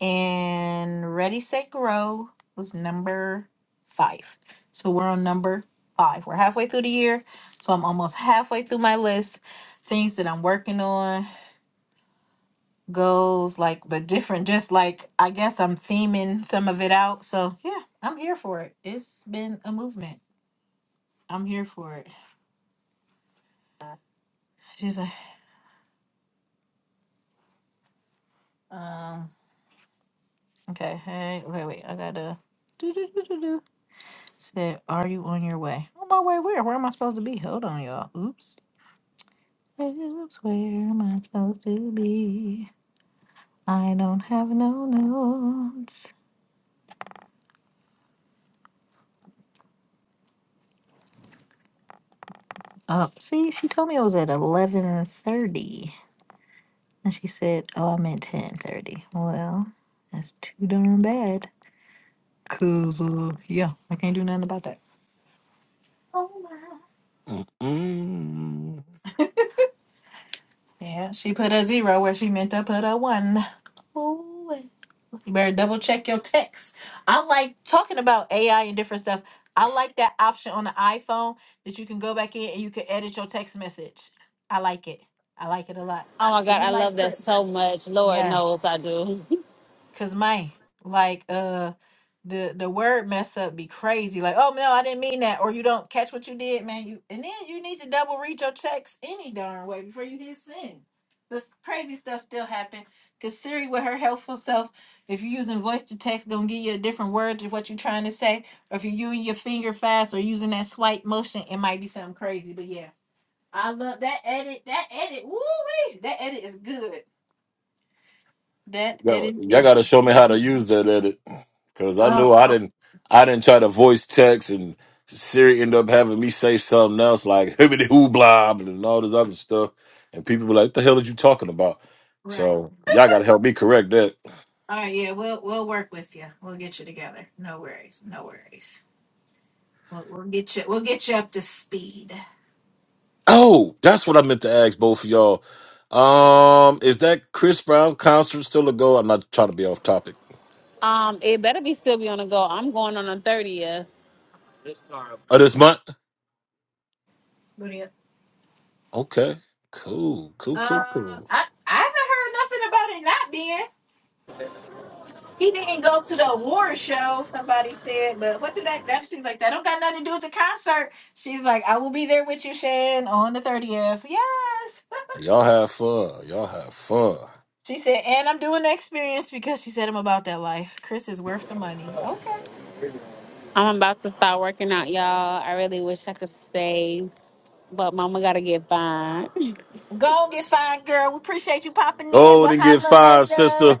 and Ready Set Grow was number five. So we're on number five. We're halfway through the year, so I'm almost halfway through my list. Things that I'm working on. goes like but different just like i guess i'm theming some of it out so yeah i'm here for it it's been a movement i'm here for it she's like um okay hey wait wait i gotta do do do do do said are you on your way on my way where where am i supposed to be hold on y'all oops Hey, oops where am i supposed to be i don't have no notes up see she told me it was at eleven thirty. And she said, "Oh, I meant ten thirty. Well, that's too darn bad. Cause uh, yeah, I can't do nothing about that. Oh my! Mm-mm. Yeah, she put a zero where she meant to put a one. Oh, you better double check your text. I like talking about AI and different stuff. I like that option on the iPhone that you can go back in and you can edit your text message. I like it. I like it a lot. Oh my 'Cause God, You I might love that put so much. Lord yes. knows I do. Cause man, like uh the the word mess up be crazy. Like, oh no, I didn't mean that, or you don't catch what you did, man. You and then you need to double read your checks any darn way before you hit send. This crazy stuff still happen. Cause Siri with her helpful self, if you're using voice to text, gonna give you a different word to what you're trying to say. Or if you're using your finger fast or using that swipe motion, it might be something crazy. But yeah. I love that edit. That edit. Woo wee. That edit is good. That Yo, edit y'all is. gotta show me how to use that edit, cause I know oh. I didn't. I didn't try to voice text, and Siri ended up having me say something else like "hibbity hoo blob" and all this other stuff, and people were like, "What the hell are you talking about?" Right. So y'all gotta help me correct that. All right. Yeah, we'll we'll work with you. We'll get you together. No worries. No worries. We'll we'll get you we'll get you up to speed. Oh, that's what I meant to ask both of y'all. Um, is that Chris Brown concert still a go? I'm not trying to be off topic. Um, it better be still be on the go. I'm going on the 30th. Oh, this month? What do you? Okay, cool, cool, Uh, cool, cool. I I haven't heard nothing about it not being. He didn't go to the award show. Somebody said, but what did that? That she's like that don't got nothing to do with the concert. She's like, I will be there with you, Shan, on the thirtieth. Yes. Y'all have fun. Y'all have fun. She said, and I'm doing the experience because she said I'm about that life. Chris is worth the money. Okay. I'm about to start working out, y'all. I really wish I could stay, but mama gotta get by. Go and get fine, girl. We appreciate you popping in. Go We'll and get holler fired, sister. later.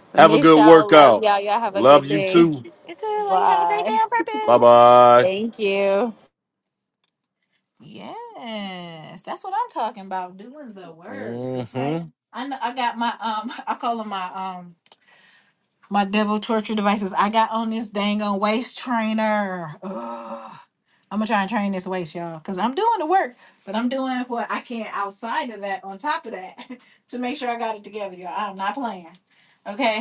Have a Miss good y'all, love workout. y'all. Y'all I have a Love good you day. too. It's good. Like, you have a great day Bye. on Bye purpose. bye. Thank you. Yes, that's what I'm talking about. Doing the work, hmm okay? I know I got my um, I call them my um, my devil torture devices. I got on this dang on waist trainer. Ugh. I'm gonna try and train this waist, y'all, because I'm doing the work, but I'm doing what I can outside of that, on top of that, to make sure I got it together, y'all. I'm not playing, okay?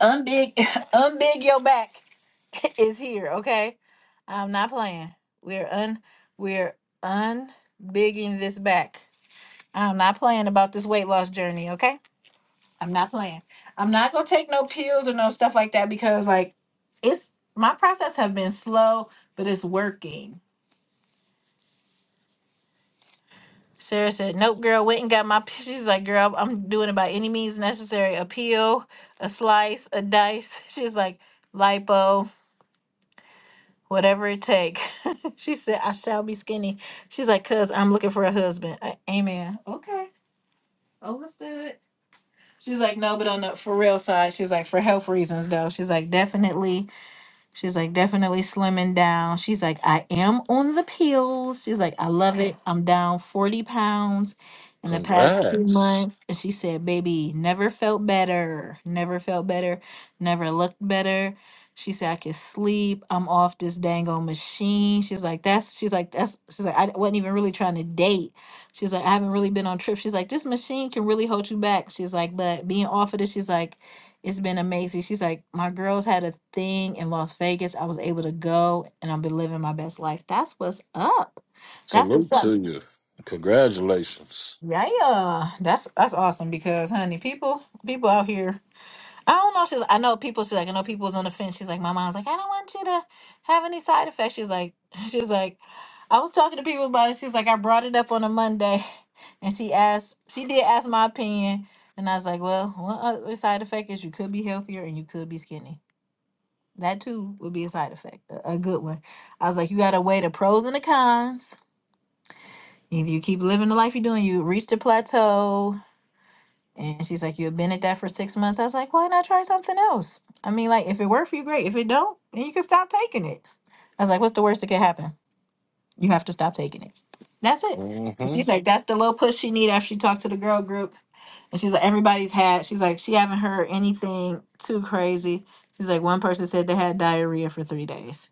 Unbig, unbig your back is here. Okay, I'm not playing. We're un, we're unbigging this back. I'm not playing about this weight loss journey. Okay, I'm not playing. I'm not gonna take no pills or no stuff like that because like it's my process have been slow, but it's working. Sarah said, "Nope, girl. Went and got my. She's like, girl, I'm doing it by any means necessary. A peel, a slice, a dice. She's like, lipo. whatever it take. she said, I shall be skinny. She's like, cuz I'm looking for a husband. A- Amen. Okay. Understood. She's like, no, but on the for real side, she's like, for health reasons though. She's like, definitely She's like, definitely slimming down. She's like, I am on the pills. She's like, I love it. I'm down 40 pounds in the past two Congrats. months. And she said, baby, never felt better. Never felt better. Never looked better. She said, I can sleep. I'm off this dang old machine. She's like, that's, she's like, that's, she's like, I wasn't even really trying to date. She's like, I haven't really been on trips. She's like, this machine can really hold you back. She's like, but being off of this, she's like, it's been amazing. She's like, my girls had a thing in Las Vegas. I was able to go and I've been living my best life. That's what's up. That's Salute what's up. to you. Congratulations. Yeah, yeah. that's that's awesome because honey, people people out here. I don't know. She's I know people. She's like I know people's on the fence. She's like my mom's like I don't want you to have any side effects. She's like she's like I was talking to people about it. She's like I brought it up on a Monday, and she asked she did ask my opinion, and I was like, well, one other side effect is you could be healthier and you could be skinny. That too would be a side effect, a, a good one. I was like, you got to weigh the pros and the cons. Either you keep living the life you're doing, you reach the plateau. And she's like, you've been at that for six months. I was like, why not try something else? I mean, like, if it worked for you, great. If it don't, then you can stop taking it. I was like, what's the worst that could happen? You have to stop taking it. That's it. And hmm she's like, that's the little push she need after she talked to the girl group. And she's like, everybody's had, she's like, she haven't heard anything too crazy. She's like, one person said they had diarrhea for three days.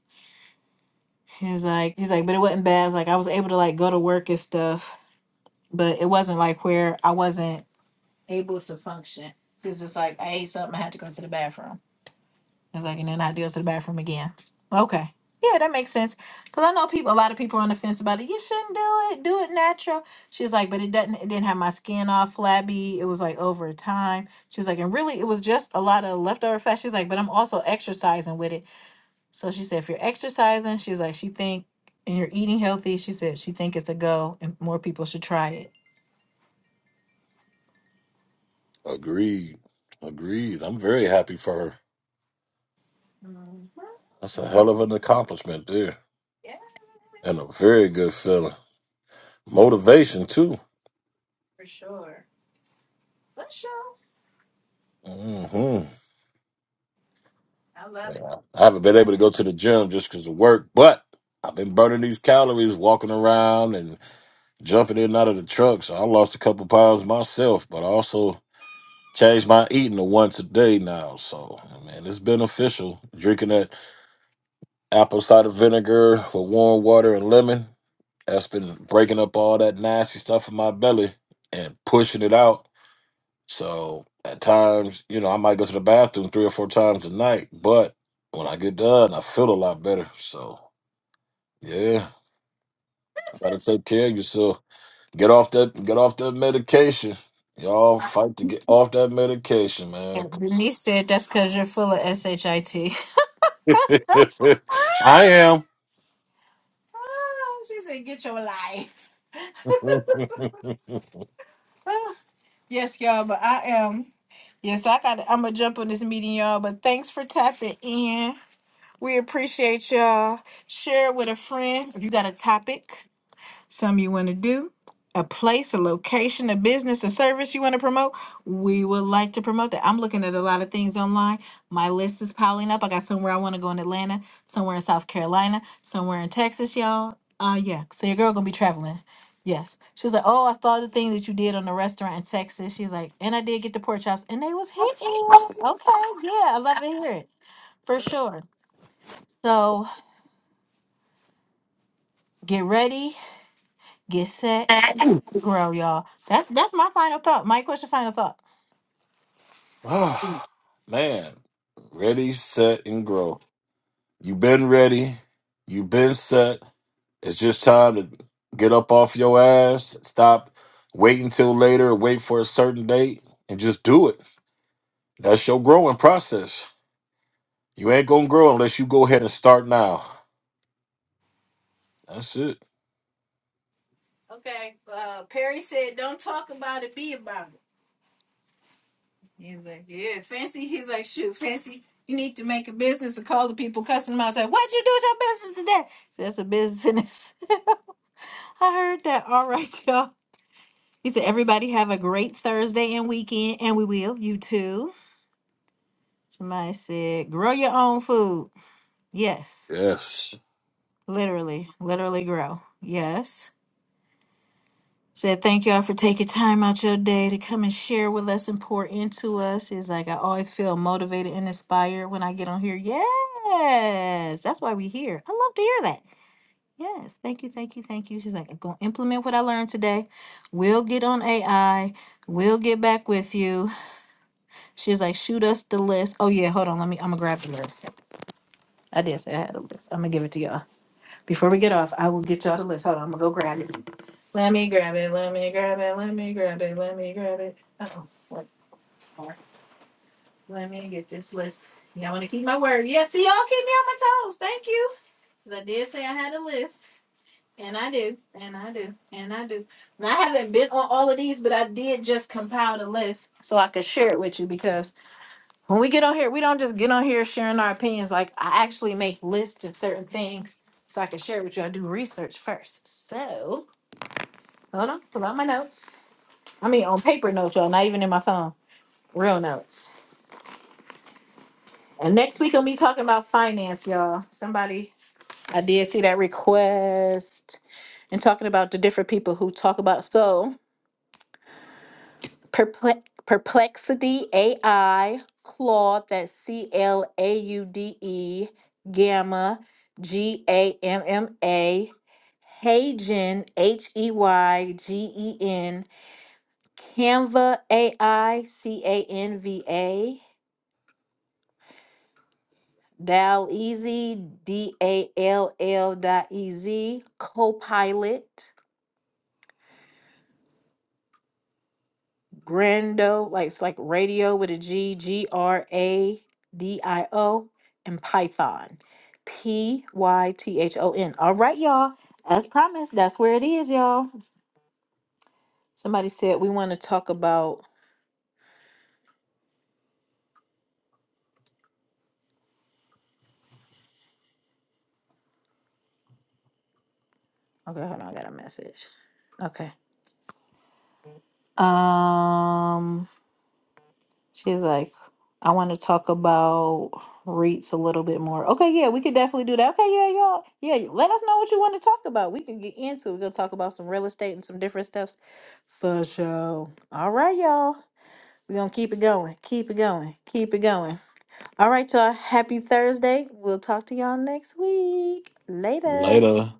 He's like, he's like, but it wasn't bad. Like I was able to like go to work and stuff, but it wasn't like where I wasn't able to function. It's just like I ate something, I had to go to the bathroom. It's like, and then I had to go to the bathroom again. Okay, yeah, that makes sense. Cause I know people, a lot of people are on the fence about it. You shouldn't do it. Do it natural. She's like, but it doesn't. It didn't have my skin all flabby. It was like over time. She's like, and really, it was just a lot of leftover fat. She's like, but I'm also exercising with it. So she said, if you're exercising, she's like, she think, and you're eating healthy, she said, she think it's a go, and more people should try it. Agreed. Agreed. I'm very happy for her. Mhm. That's a hell of an Mhm. accomplishment there. Yeah, And a very good feeling. and for Motivation too. sure, for sure, Mm-hmm. I love it. I haven't been able That's- to go to the gym just because of work, but I've been burning these calories walking around and jumping in and out of the truck. So I lost a couple pounds myself, but I also changed my eating to once a day now. So, man, it's beneficial. Drinking that apple cider vinegar with warm water and lemon, that's been breaking up all that nasty stuff in my belly and pushing it out. So at times, you know, I might go to the bathroom three or four times a night, but when I get done, I feel a lot better. So Yeah, gotta take care of yourself. Get off that. Get off that medication. Y'all fight to get off that medication, man. And 'cause- Denise said, that's because you're full of shit. I Ah, am. she said, "Get your life." Ah, yes, y'all, but I am. Yes, I got. I'm gonna jump on this meeting, y'all. But thanks for tapping in. We appreciate y'all. Share it with a friend if you got a topic, something you want to do, a place, a location, a business, a service you want to promote. We would like to promote that. I'm looking at a lot of things online. My list is piling up. I got somewhere I want to go in Atlanta, somewhere in South Carolina, somewhere in Texas, y'all. Uh yeah. So your girl gonna be traveling. Yes. She was like, Oh, I saw the thing that you did on the restaurant in Texas. She's like, and I did get the pork chops and they was hitting. Okay, yeah, I love to hear it. For sure. So get ready, get set, grow, y'all. That's that's my final thought. Mike, what's your final thought? Ah, man, ready, set, and grow. you been ready. you been set. It's just time to get up off your ass. Stop waiting till later. Wait for a certain date and just do it. That's your growing process. You ain't gonna grow unless you go ahead and start now. That's it. Okay. Uh, Perry said, "Don't talk about it, be about it." He's like, "Yeah, fancy." He's like, "Shoot, fancy." You need to make a business and call the people cuss them out. Say, "What'd you do with your business today?" So that's a business. I heard that. All right, y'all. He said, "Everybody have a great Thursday and weekend, and we will. You too." Somebody said, "Grow your own food." Yes. Yes. Literally, literally grow. Yes. Said thank y'all for taking time out your day to come and share with us and pour into us. She's like, I always feel motivated and inspired when I get on here. Yes. That's why we here. I love to hear that. Yes. Thank you. Thank you. Thank you. She's like, I'm gonna implement what I learned today. We'll get on AI. We'll get back with you. She's like, shoot us the list. Oh yeah, hold on. Let me I'm gonna grab the list. I did say I had a list. I'm gonna give it to y'all. Before we get off, I will get y'all the list. Hold on, I'm gonna go grab it. Let me grab it. Let me grab it. Let me grab it. Let me grab it. Oh, what more? Let me get this list. Y'all want to keep my word? Yeah. See, y'all keep me on my toes. Thank you. Cause I did say I had a list, and I do, and I do, and I do. And I haven't been on all of these, but I did just compile the list so I could share it with you because when we get on here, we don't just get on here sharing our opinions. Like I actually make lists of certain things so I can share with you. I do research first. So hold on, pull out my notes. I mean on paper notes, y'all, not even in my phone. Real notes. And next week I'll be talking about finance, y'all. Somebody I did see that request and talking about the different people who talk about so. Perplex, Perplexity AI, Claude, that's C L A U D E, Gamma, G A M M A, Heygen H E Y G E N, Canva AI, C A N V A, Dal Easy, D A L L dot E Z, Copilot. Grando, like it's like radio with a G, G R A D I O, and Python, P Y T H O N. All right, y'all. As promised, that's where it is, y'all. Somebody said we want to talk about. Okay, hold on, I got a message. Okay. Um. She's like, I want to talk about REITs a little bit more. Okay, yeah, we could definitely do that. Okay, yeah, y'all. Yeah, let us know what you want to talk about. We can get into it. We're going to talk about some real estate and some different stuffs for sure. All right, y'all. We're going to keep it going. Keep it going. Keep it going. All right, y'all. Happy Thursday. We'll talk to y'all next week. Later. Later.